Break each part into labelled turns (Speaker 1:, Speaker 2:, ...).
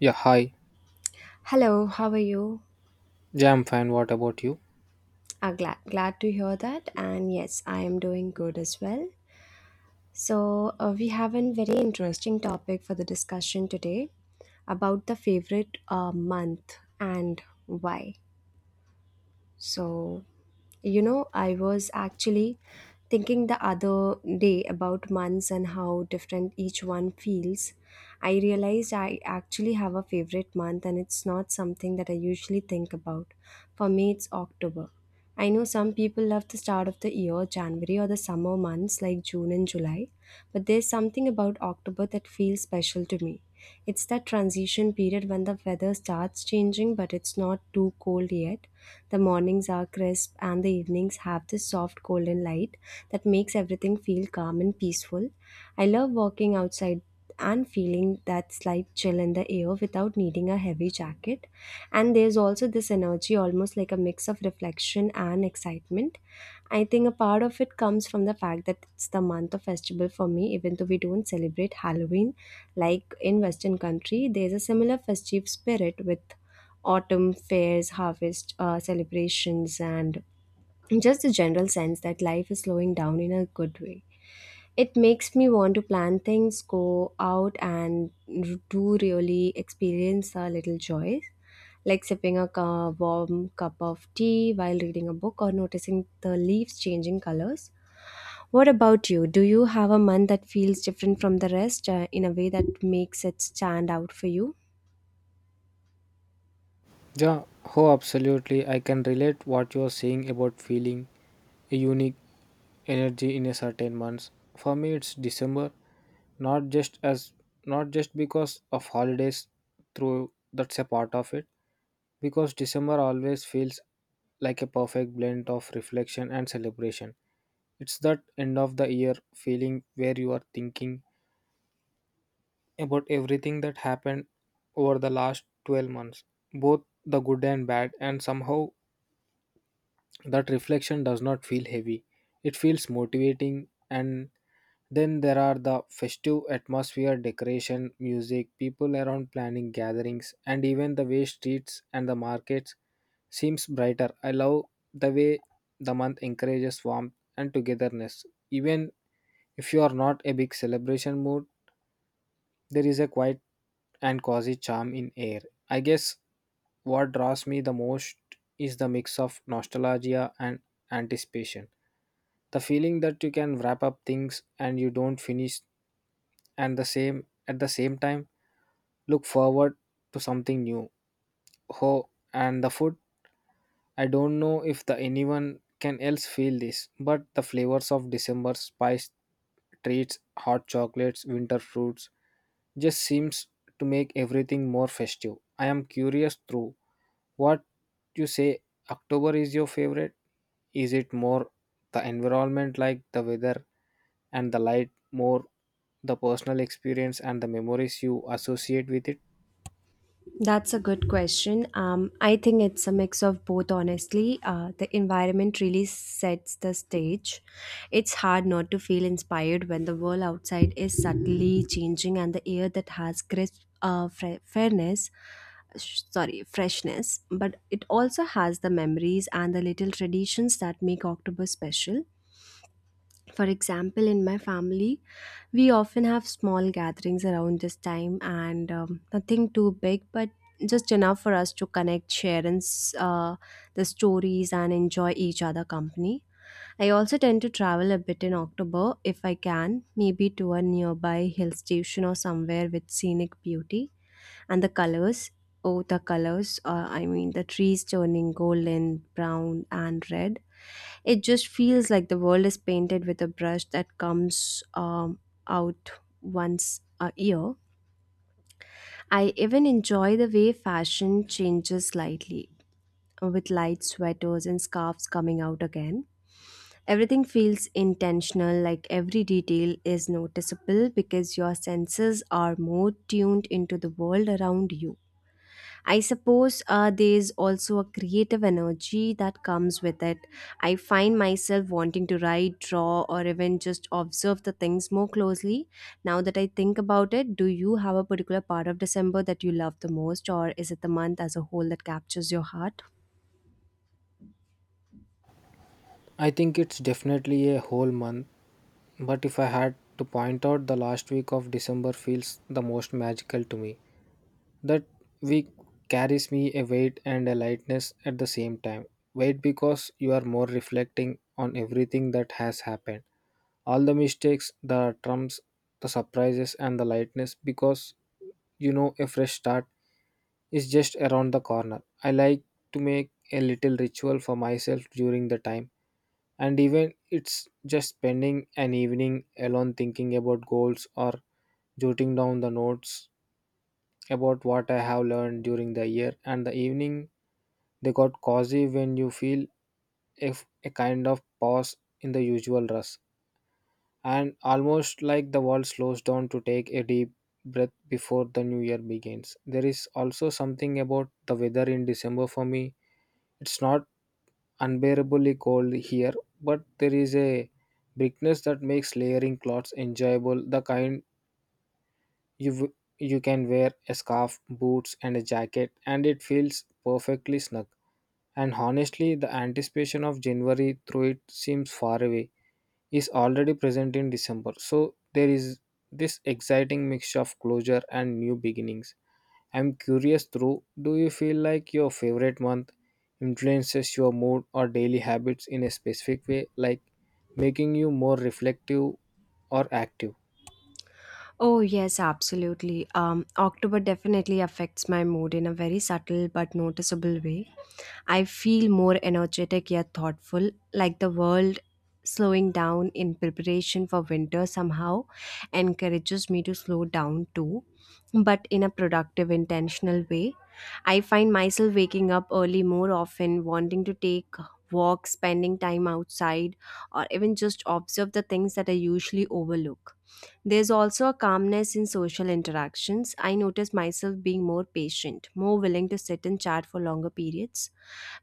Speaker 1: Yeah, hi.
Speaker 2: Hello, how are you?
Speaker 1: Yeah, I'm fine. What about you?
Speaker 2: Ah, glad to hear that. And yes, I am doing good as well. So, we have a very interesting topic for the discussion today about the favorite month and why. So, I was actually thinking the other day about months and how different each one feels. I realized I actually have a favorite month and it's not something that I usually think about. For me, it's October. I know some people love the start of the year, January, or the summer months like June and July, but there's something about October that feels special to me. It's that transition period when the weather starts changing, but it's not too cold yet. The mornings are crisp and the evenings have this soft golden light that makes everything feel calm and peaceful. I love walking outside and feeling that slight chill in the air without needing a heavy jacket. And there's also this energy, almost like a mix of reflection and excitement. I think a part of it comes from the fact that it's the month of festival for me, even though we don't celebrate Halloween. Like in Western country, there's a similar festive spirit with autumn fairs, harvest celebrations, and just the general sense that life is slowing down in a good way. It makes me want to plan things, go out and do really experience a little joy, like sipping a warm cup of tea while reading a book or noticing the leaves changing colors. What about you? Do you have a month that feels different from the rest in a way that makes it stand out for you?
Speaker 1: Yeah, oh, absolutely. I can relate what you're saying about feeling a unique energy in a certain months. For me, it's December, not just as not just because of holidays through that's a part of it because December always feels like a perfect blend of reflection and celebration. It's that end of the year feeling where you are thinking about everything that happened over the last 12 months, both the good and bad, and somehow that reflection does not feel heavy. It feels motivating, and then there are the festive atmosphere, decoration, music, people around planning gatherings, and even the way streets and the markets seems brighter. I love the way the month encourages warmth and togetherness. Even if you are not a big celebration mood, there is a quiet and cozy charm in air. I guess what draws me the most is the mix of nostalgia and anticipation. The feeling that you can wrap up things and you don't finish and the same at the same time look forward to something new. Oh, and the food. I don't know if the anyone can else feel this, but the flavors of December spice treats, hot chocolates, winter fruits, just seems to make everything more festive. I am curious through what you say October is your favorite? Is it more the environment like the weather and the light more the personal experience and the memories you associate with it?
Speaker 2: That's a good question. I think it's a mix of both, honestly. The environment really sets the stage. It's hard not to feel inspired when the world outside is subtly changing and the air that has crisp fairness, sorry, freshness, but it also has the memories and the little traditions that make October special. For example, in my family, we often have small gatherings around this time and nothing too big, but just enough for us to connect, share and the stories, and enjoy each other company. I also tend to travel a bit in October if I can, maybe to a nearby hill station or somewhere with scenic beauty and the colors. Oh, the colors! I mean, the trees turning golden, brown, and red. It just feels like the world is painted with a brush that comes out once a year. I even enjoy the way fashion changes slightly, with light sweaters and scarves coming out again. Everything feels intentional, like every detail is noticeable because your senses are more tuned into the world around you. I suppose there's also a creative energy that comes with it. I find myself wanting to write, draw, or even just observe the things more closely. Now that I think about it, do you have a particular part of December that you love the most, or is it the month as a whole that captures your heart?
Speaker 1: I think it's definitely a whole month, but if I had to point out the last week of December feels the most magical to me. That week carries me a weight and a lightness at the same time. Weight because you are more reflecting on everything that has happened. All the mistakes, the trumps, the surprises and the lightness because you know a fresh start is just around the corner. I like to make a little ritual for myself during the time and even it's just spending an evening alone thinking about goals or jotting down the notes about what I have learned during the year and the evening they got cozy when you feel if a kind of pause in the usual rush and almost like the world slows down to take a deep breath before the new year begins. There is also something about the weather in December for me. It's not unbearably cold here, but there is a briskness that makes layering clothes enjoyable. The kind you w- you can wear a scarf, boots, and a jacket, and it feels perfectly snug. And honestly, the anticipation of January through it seems far away is already present in December. So there is this exciting mix of closure and new beginnings. I'm curious through do you feel like your favorite month influences your mood or daily habits in a specific way, like making you more reflective or active?
Speaker 2: Oh, yes, absolutely. October definitely affects my mood in a very subtle but noticeable way. I feel more energetic yet thoughtful, like the world slowing down in preparation for winter somehow encourages me to slow down too, but in a productive, intentional way. I find myself waking up early more often, wanting to take walks, spending time outside, or even just observe the things that I usually overlook. There's also a calmness in social interactions. I notice myself being more patient, more willing to sit and chat for longer periods.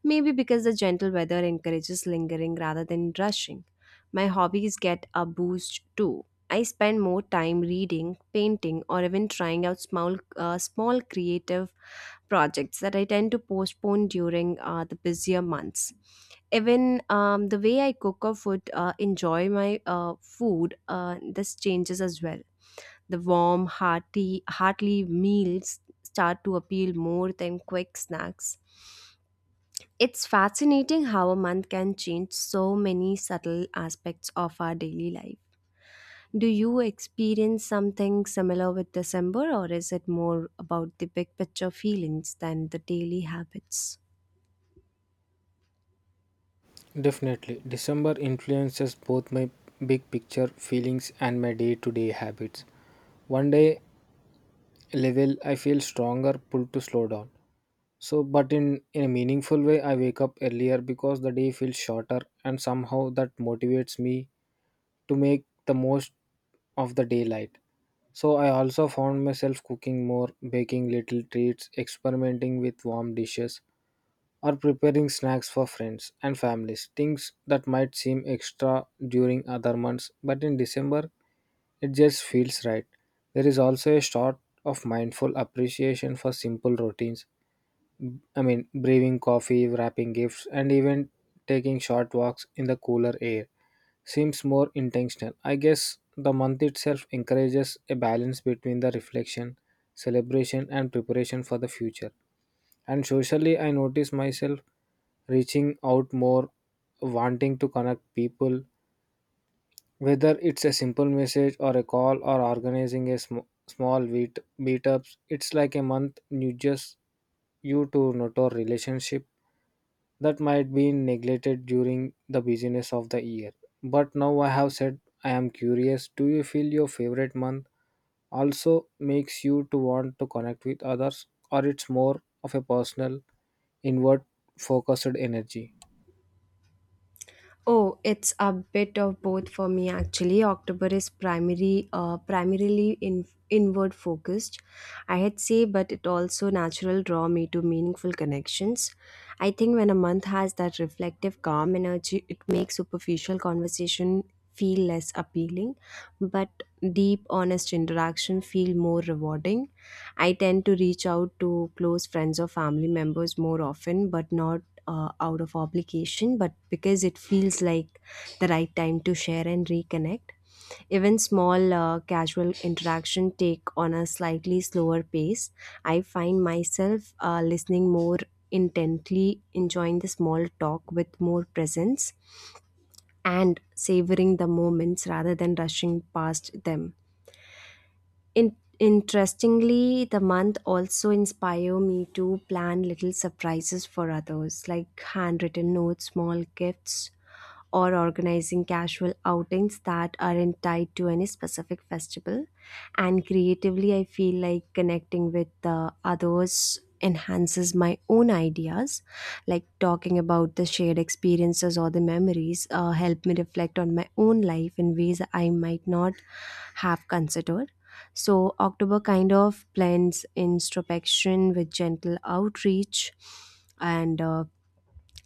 Speaker 2: Maybe because the gentle weather encourages lingering rather than rushing. My hobbies get a boost too. I spend more time reading, painting, or even trying out small creative projects that I tend to postpone during the busier months. Even the way I cook or food, enjoy my food, this changes as well. The warm, hearty, heartly meals start to appeal more than quick snacks. It's fascinating how a month can change so many subtle aspects of our daily life. Do you experience something similar with December, or is it more about the big picture feelings than the daily habits?
Speaker 1: Definitely, December influences both my big picture feelings and my day to day habits. One day level, I feel stronger pull to slow down. So, but in a meaningful way, I wake up earlier because the day feels shorter, and somehow that motivates me to make the most of the daylight. So, I also found myself cooking more, baking little treats, experimenting with warm dishes, or preparing snacks for friends and families. Things that might seem extra during other months, but in December, it just feels right. There is also a sort of mindful appreciation for simple routines. I mean, brewing coffee, wrapping gifts, and even taking short walks in the cooler air seems more intentional. I guess the month itself encourages a balance between the reflection, celebration, and preparation for the future. And socially, I notice myself reaching out more, wanting to connect people, whether it's a simple message or a call or organizing a small meetups, it's like a month you just you to nurture relationship that might be neglected during the busyness of the year. But now I have said I am curious. Do you feel your favorite month also makes you to want to connect with others, or it's more of a personal, inward focused energy?
Speaker 2: Oh, it's a bit of both for me actually. October is primarily inward focused, I had say, but it also natural draw me to meaningful connections. I think when a month has that reflective, calm energy, it makes superficial conversation feel less appealing, but deep, honest interaction feel more rewarding. I tend to reach out to close friends or family members more often, but not out of obligation, but because it feels like the right time to share and reconnect. Even small casual interaction take on a slightly slower pace. I find myself listening more intently, enjoying the small talk with more presence, and savoring the moments rather than rushing past them. Interestingly, the month also inspire me to plan little surprises for others, like handwritten notes, small gifts, or organizing casual outings that aren't tied to any specific festival. And creatively, I feel like connecting with the others enhances my own ideas, like talking about the shared experiences or the memories help me reflect on my own life in ways I might not have considered. So October kind of blends introspection with gentle outreach. And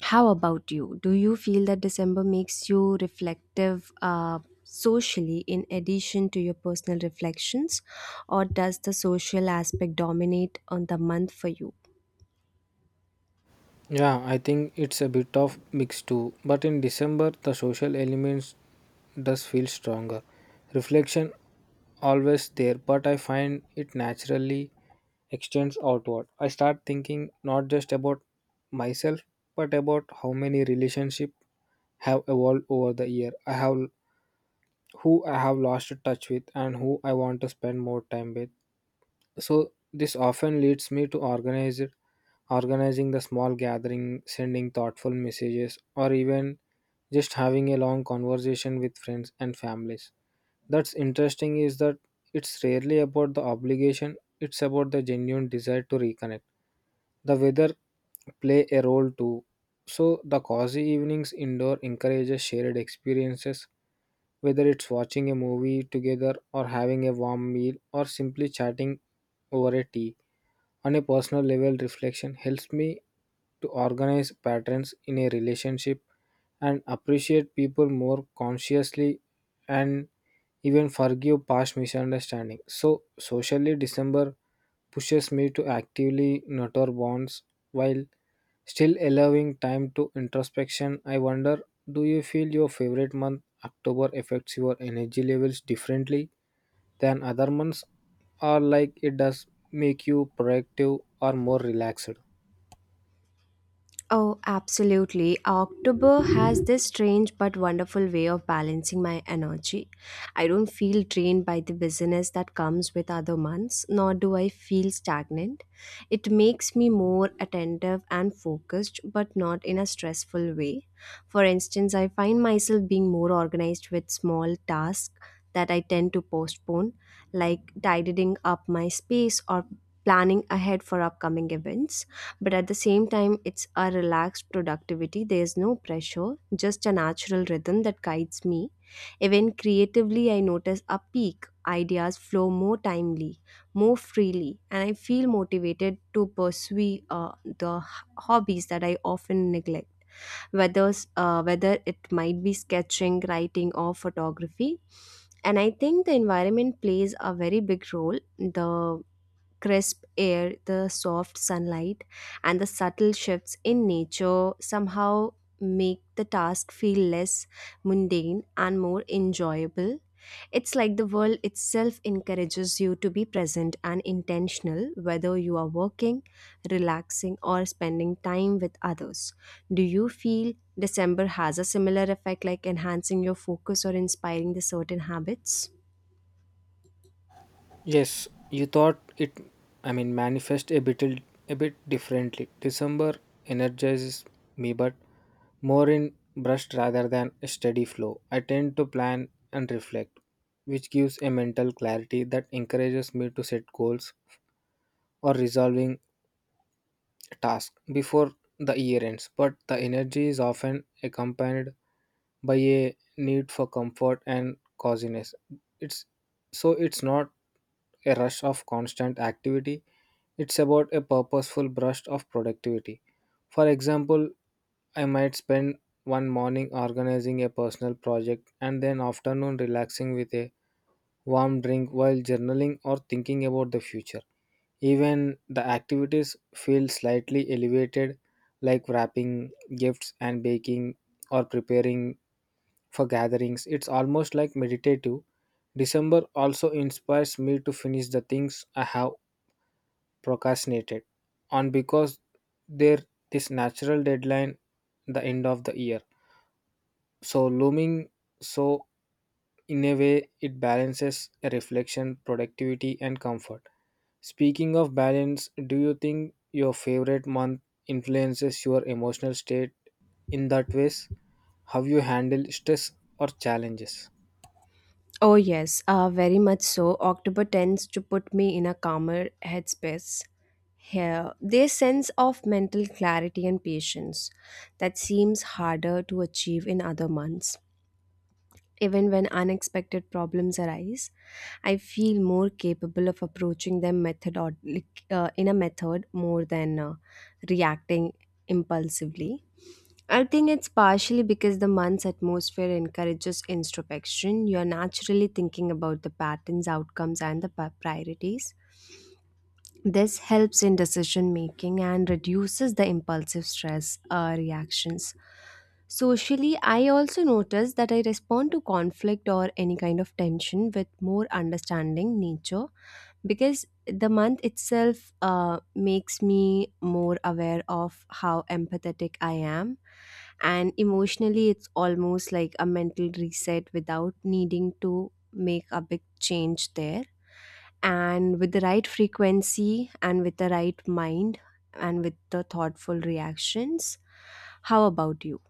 Speaker 2: how about you? Do you feel that December makes you reflective socially in addition to your personal reflections, or does the social aspect dominate on the month for you?
Speaker 1: Yeah, I think it's a bit of mix too, but in December the social elements does feel stronger. Reflection always there, but I find it naturally extends outward. I start thinking not just about myself, but about how many relationships have evolved over the year. I have who I have lost touch with and who I want to spend more time with so this often leads me to organizing the small gathering, sending thoughtful messages, or even just having a long conversation with friends and families. That's interesting is that it's rarely about the obligation, it's about the genuine desire to reconnect. The weather play a role too. So the cozy evenings indoor encourages shared experiences, whether it's watching a movie together or having a warm meal or simply chatting over a tea. On a personal level, reflection helps me to organize patterns in a relationship and appreciate people more consciously and even forgive past misunderstandings. So, socially, December pushes me to actively nurture bonds while still allowing time to introspection. I wonder, do you feel your favorite month, October, affects your energy levels differently than other months, or like it does make you proactive or more relaxed?
Speaker 2: Oh, absolutely. October has this strange but wonderful way of balancing my energy. I don't feel drained by the busyness that comes with other months, nor do I feel stagnant. It makes me more attentive and focused, but not in a stressful way. For instance, I find myself being more organized with small tasks that I tend to postpone, like tidying up my space or planning ahead for upcoming events, but at the same time it's a relaxed productivity. There's no pressure, just a natural rhythm that guides me. Even creatively, I notice a peak. Ideas flow more timely, more freely, and I feel motivated to pursue uh, the hobbies that I often neglect, whether whether it might be sketching, writing, or photography. And I think the environment plays a very big role. The crisp air, the soft sunlight, and the subtle shifts in nature somehow make the task feel less mundane and more enjoyable. It's like the world itself encourages you to be present and intentional, whether you are working, relaxing, or spending time with others. Do you feel December has a similar effect, like enhancing your focus or inspiring the certain habits?
Speaker 1: Yes, you thought it, I mean, manifest a bit, a bit differently. December energizes me, but more in burst rather than a steady flow. I tend to plan and reflect, which gives a mental clarity that encourages me to set goals or resolving task before the year ends, but the energy is often accompanied by a need for comfort and coziness. It's so it's not a rush of constant activity, it's about a purposeful burst of productivity. For example, I might spend one morning organizing a personal project and then afternoon relaxing with a warm drink while journaling or thinking about the future. Even the activities feel slightly elevated, like wrapping gifts and baking or preparing for gatherings. It's almost like meditative. December also inspires me to finish the things I have procrastinated on because there this natural deadline the end of the year. So looming so in a way it balances reflection, productivity and comfort. Speaking of balance, do you think your favorite month influences your emotional state in that ways? How you handle stress or challenges?
Speaker 2: Oh, yes, very much so. October tends to put me in a calmer headspace. Here, their sense of mental clarity and patience that seems harder to achieve in other months. Even when unexpected problems arise, I feel more capable of approaching them like, in a method more than reacting impulsively. I think it's partially because the month's atmosphere encourages introspection. You're naturally thinking about the patterns, outcomes, and the priorities. This helps in decision making and reduces the impulsive stress reactions. Socially, I also notice that I respond to conflict or any kind of tension with more understanding nature because the month itself makes me more aware of how empathetic I am. And emotionally, it's almost like a mental reset without needing to make a big change there. And with the right frequency and with the right mind and with the thoughtful reactions. How about you?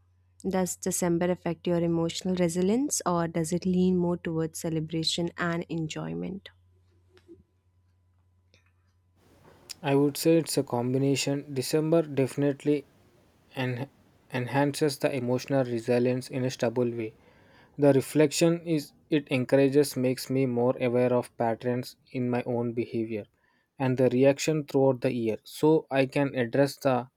Speaker 2: Does December affect your emotional resilience or does it lean more towards celebration and enjoyment?
Speaker 1: I would say it's a combination. December definitely en- enhances the emotional resilience in a stable way. The reflection is it encourages makes me more aware of patterns in my own behavior and the reaction throughout the year so I can address the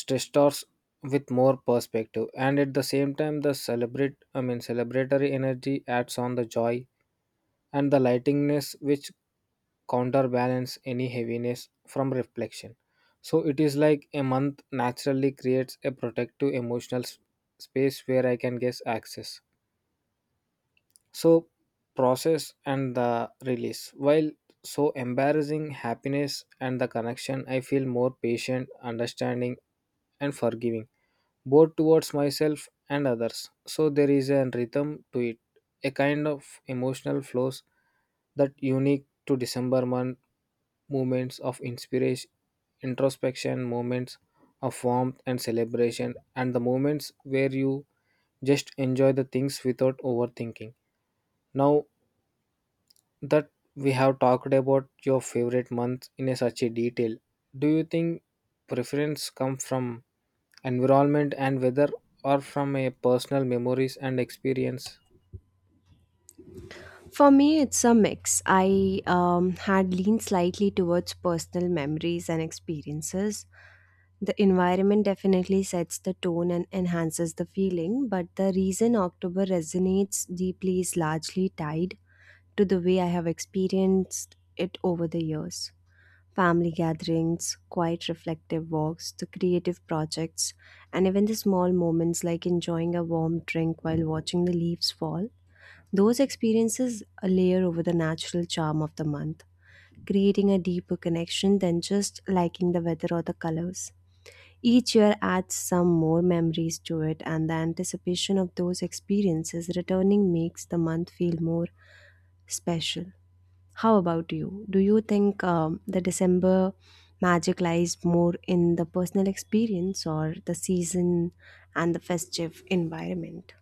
Speaker 1: stressors with more perspective and at the same time the celebrate I mean celebratory energy adds on the joy and the lightingness which counterbalance any heaviness from reflection. So it is like a month naturally creates a protective emotional space where I can guess access so process and the release while so embarrassing happiness and the connection. I feel more patient understanding and forgiving both towards myself and others. So there is a rhythm to it, a kind of emotional flows that unique to December month moments of inspiration, introspection, moments of warmth and celebration, and the moments where you just enjoy the things without overthinking. Now that we have talked about your favorite month in a such a detail, do you think preference come from environment and weather or from a personal memories and experience?
Speaker 2: For me, it's a mix. I had leaned slightly towards personal memories and experiences. The environment definitely sets the tone and enhances the feeling, but the reason October resonates deeply is largely tied to the way I have experienced it over the years. Family gatherings, quiet reflective walks, the creative projects, and even the small moments like enjoying a warm drink while watching the leaves fall. Those experiences layer over the natural charm of the month, creating a deeper connection than just liking the weather or the colors. Each year adds some more memories to it, and the anticipation of those experiences returning makes the month feel more special. How about you? Do you think the December magic lies more in the personal experience or the season and the festive environment?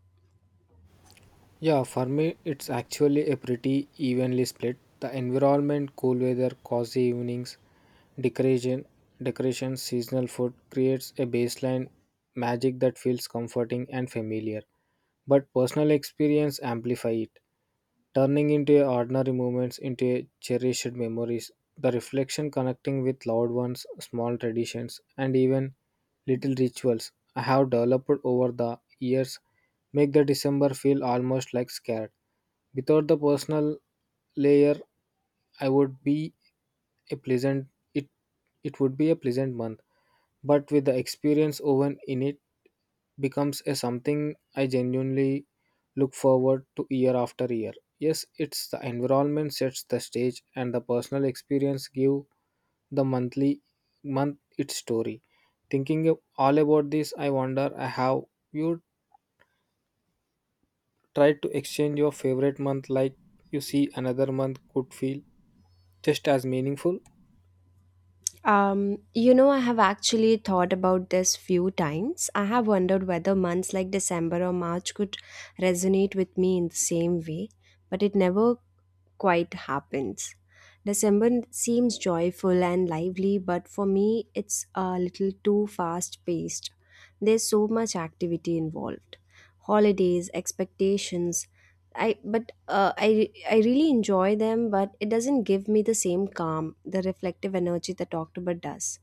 Speaker 1: Yeah, for me, it's actually a pretty evenly split. The environment, cool weather, cozy evenings, decoration, decoration, seasonal food creates a baseline magic that feels comforting and familiar. But personal experience amplify it, turning into ordinary moments into cherished memories. The reflection connecting with loved ones, small traditions, and even little rituals I have developed over the years make the December feel almost like scared. Without the personal layer, I would be a pleasant it it would be a pleasant month. But with the experience woven in it, becomes a something I genuinely look forward to year after year. Yes, it's the environment sets the stage and the personal experience give the month its story. Thinking of all about this, I wonder how you try to exchange your favorite month like you see another month could feel just as meaningful.
Speaker 2: I have actually thought about this few times. I have wondered whether months like December or March could resonate with me in the same way, but it never quite happens. December seems joyful and lively, but for me, it's a little too fast paced. There's so much activity involved, holidays, expectations, I really enjoy them, but it doesn't give me the same calm, the reflective energy that October does.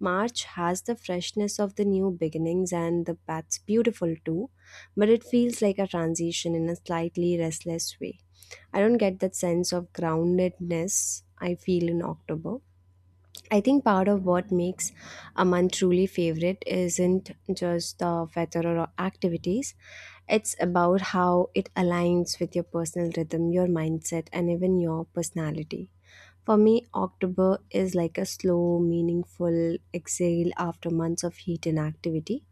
Speaker 2: March has the freshness of the new beginnings, and the that's beautiful too, but it feels like a transition in a slightly restless way. I don't get that sense of groundedness I feel in October. I think part of what makes a month truly favorite isn't just the weather or activities. It's about how it aligns with your personal rhythm, your mindset, and even your personality. For me, October is like a slow, meaningful exhale after months of heat and activity.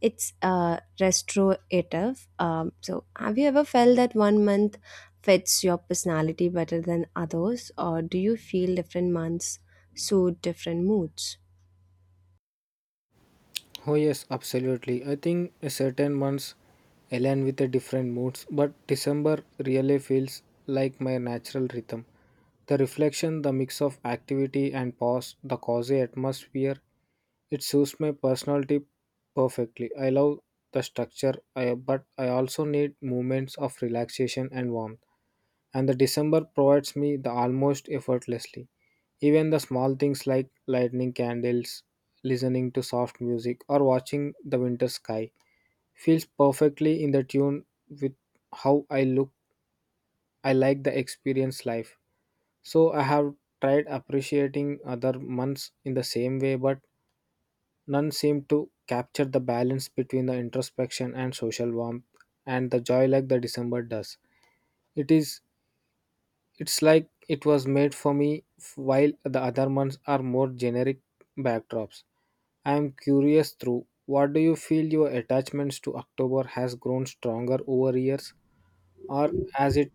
Speaker 2: It's restorative. Have you ever felt that one month fits your personality better than others, or do you feel different months suit different moods?
Speaker 1: Oh, yes, absolutely. I think certain months align with the different moods, but December really feels like my natural rhythm. The reflection, the mix of activity and pause, the cozy atmosphere, it suits my personality perfectly. I love the structure, I, but I also need moments of relaxation and warmth and the December provides me the almost effortlessly. Even the small things like lighting candles, listening to soft music, or watching the winter sky feels perfectly in the tune with how I look. I like the experience life. So I have tried appreciating other months in the same way, but none seem to capture the balance between the introspection and social warmth and the joy like the December does. It is It's like it was made for me, while the other ones are more generic backdrops. I am curious through, what do you feel your attachments to October has grown stronger over years, or has it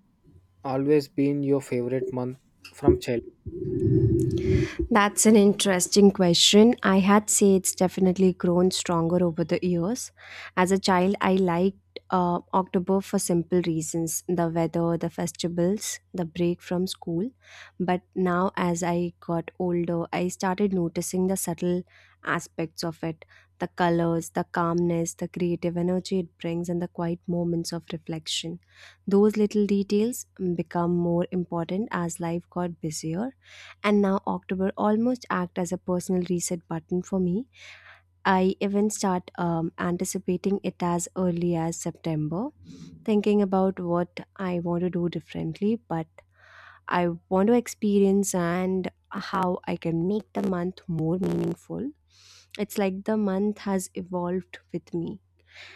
Speaker 1: always been your favorite month from childhood?
Speaker 2: That's an interesting question. I had say it's definitely grown stronger over the years. As a child, I liked October for simple reasons, the weather, the festivals, the break from school. But now, as I got older, I started noticing the subtle aspects of it, the colors, the calmness, the creative energy it brings, and the quiet moments of reflection. Those little details become more important as life got busier, and now October almost act as a personal reset button for me. I even start anticipating it as early as September, thinking about what I want to do differently, but I want to experience and how I can make the month more meaningful. It's like the month has evolved with me,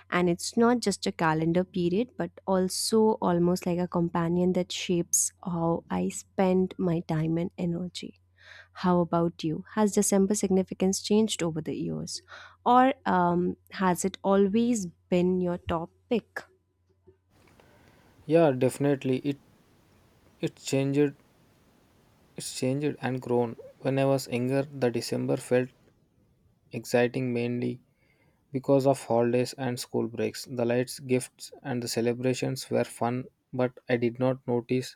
Speaker 2: and it's not just a calendar period, but also almost like a companion that shapes how I spend my time and energy. How about you? Has December significance changed over the years? Or has it always been your top pick?
Speaker 1: Yeah, definitely. It changed, it's changed and grown. When I was younger, the December felt exciting mainly because of holidays and school breaks. The lights, gifts and the celebrations were fun, but I did not notice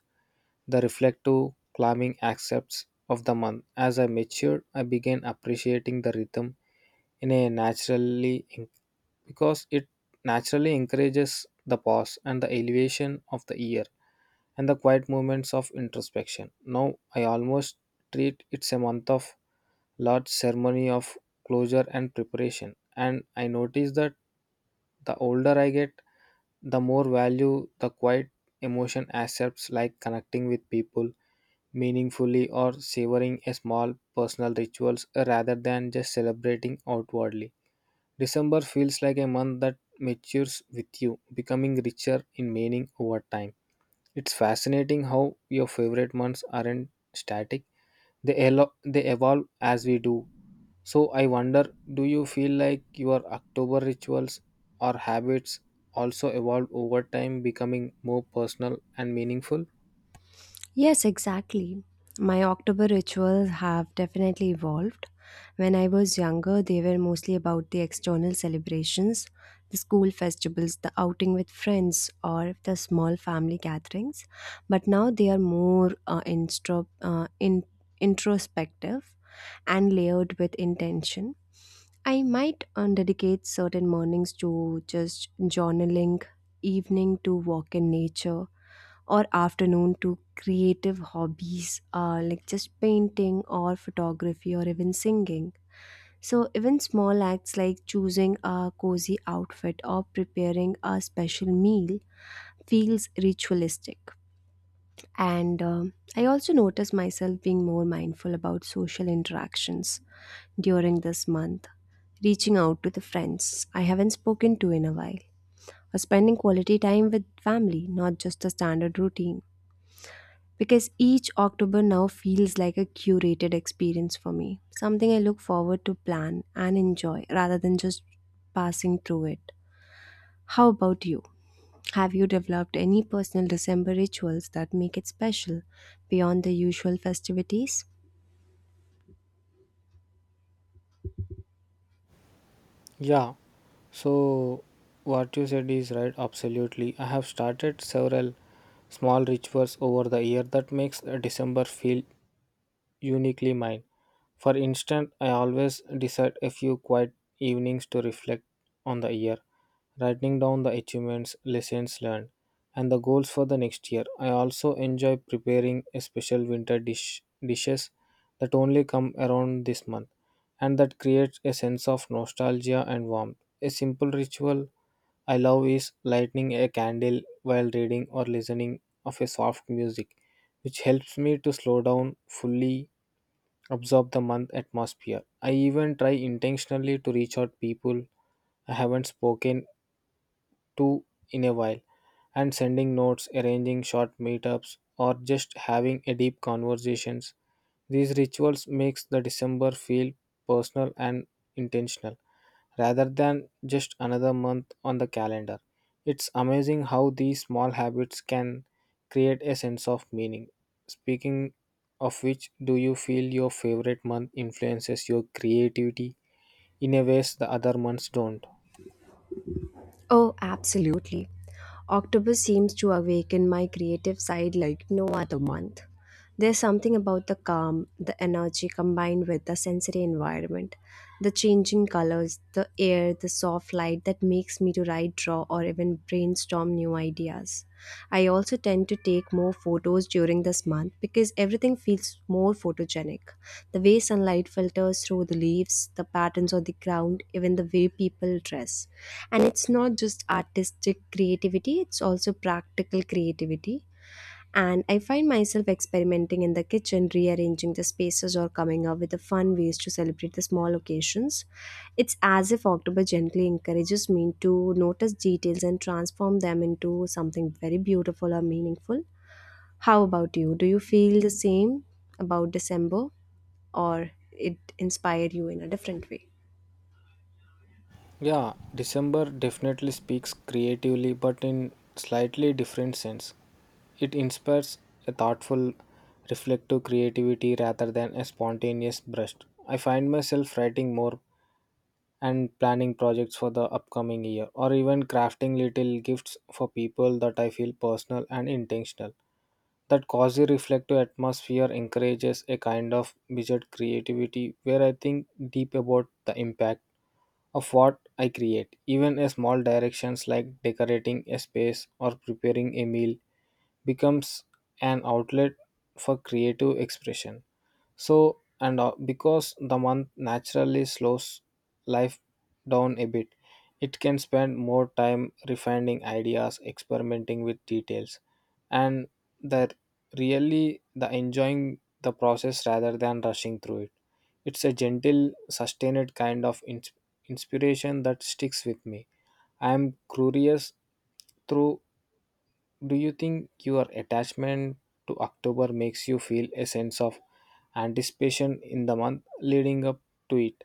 Speaker 1: the reflective, calming accepts of the month. As I matured, I began appreciating the rhythm in a naturally because it naturally encourages the pause and the elevation of the year and the quiet moments of introspection. Now I almost treat it's a month of large ceremony of closure and preparation. And I notice that the older I get, the more value the quiet emotion accepts like connecting with people, meaningfully or savoring a small personal rituals, rather than just celebrating outwardly. December feels like a month that matures with you, becoming richer in meaning over time. It's fascinating how your favorite months aren't static. They, they evolve as we do. So I wonder, do you feel like your October rituals or habits also evolve over time, becoming more personal and meaningful?
Speaker 2: Yes, exactly. My October rituals have definitely evolved. When I was younger, they were mostly about the external celebrations, the school festivals, the outing with friends, or the small family gatherings. But now they are more introspective and layered with intention. I might dedicate certain mornings to just journaling, evening to walk in nature, or afternoon to creative hobbies like just painting or photography or even singing. So, even small acts like choosing a cozy outfit or preparing a special meal feels ritualistic. And I also notice myself being more mindful about social interactions during this month, reaching out to the friends I haven't spoken to in a while, or spending quality time with family, not just the standard routine. Because each October now feels like a curated experience for me, something I look forward to plan and enjoy rather than just passing through it. How about you? Have you developed any personal December rituals that make it special beyond the usual festivities?
Speaker 1: Yeah, so what you said is right, absolutely. I have started several small rituals over the year that makes December feel uniquely mine. For instance, I always decide a few quiet evenings to reflect on the year, writing down the achievements, lessons learned, and the goals for the next year. I also enjoy preparing a special winter dish dishes that only come around this month, and that creates a sense of nostalgia and warmth. A simple ritual I love is lighting a candle while reading or listening of a soft music, which helps me to slow down, fully absorb the month atmosphere. I even try intentionally to reach out people I haven't spoken to in a while, and sending notes, arranging short meetups or just having a deep conversations. These rituals makes the December feel personal and intentional rather than just another month on the calendar. It's amazing how these small habits can create a sense of meaning. Speaking of which, do you feel your favorite month influences your creativity in a ways the other months don't?
Speaker 2: Oh, absolutely. October seems to awaken my creative side like no other month. There's something about the calm, the energy combined with the sensory environment, the changing colors, the air, the soft light that makes me to write, draw, or even brainstorm new ideas. I also tend to take more photos during this month because everything feels more photogenic. The way sunlight filters through the leaves, the patterns on the ground, even the way people dress, and it's not just artistic creativity, it's also practical creativity, and I find myself experimenting in the kitchen, rearranging the spaces, or coming up with the fun ways to celebrate the small occasions. It's as if October gently encourages me to notice details and transform them into something very beautiful or meaningful. How about you? Do you feel the same about December, or it inspired you in a different way?
Speaker 1: Yeah, December definitely speaks creatively, but in slightly different sense. It inspires a thoughtful, reflective creativity rather than a spontaneous burst. I find myself writing more and planning projects for the upcoming year or even crafting little gifts for people that I feel personal and intentional. That quasi reflective atmosphere encourages a kind of measured creativity where I think deep about the impact of what I create. Even a small directions like decorating a space or preparing a meal becomes an outlet for creative expression. So, and because the month naturally slows life down a bit, it can spend more time refining ideas, experimenting with details, and that really the enjoying the process rather than rushing through it. It's a gentle sustained kind of inspiration that sticks with me. I'm curious through, do you think your attachment to October makes you feel a sense of anticipation in the month leading up to it,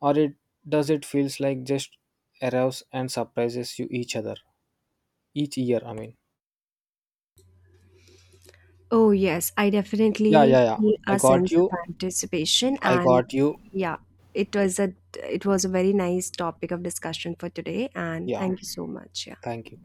Speaker 1: or it does it feels like just arrives and surprises you each year, I mean?
Speaker 2: Oh, yes, I
Speaker 1: yeah
Speaker 2: definitely
Speaker 1: yeah yeah
Speaker 2: feel
Speaker 1: i
Speaker 2: a
Speaker 1: got
Speaker 2: sense
Speaker 1: you
Speaker 2: of anticipation
Speaker 1: i
Speaker 2: and
Speaker 1: got you
Speaker 2: yeah, it was a very nice topic of discussion for today and
Speaker 1: Yeah,
Speaker 2: thank you so much. Yeah.
Speaker 1: thank you.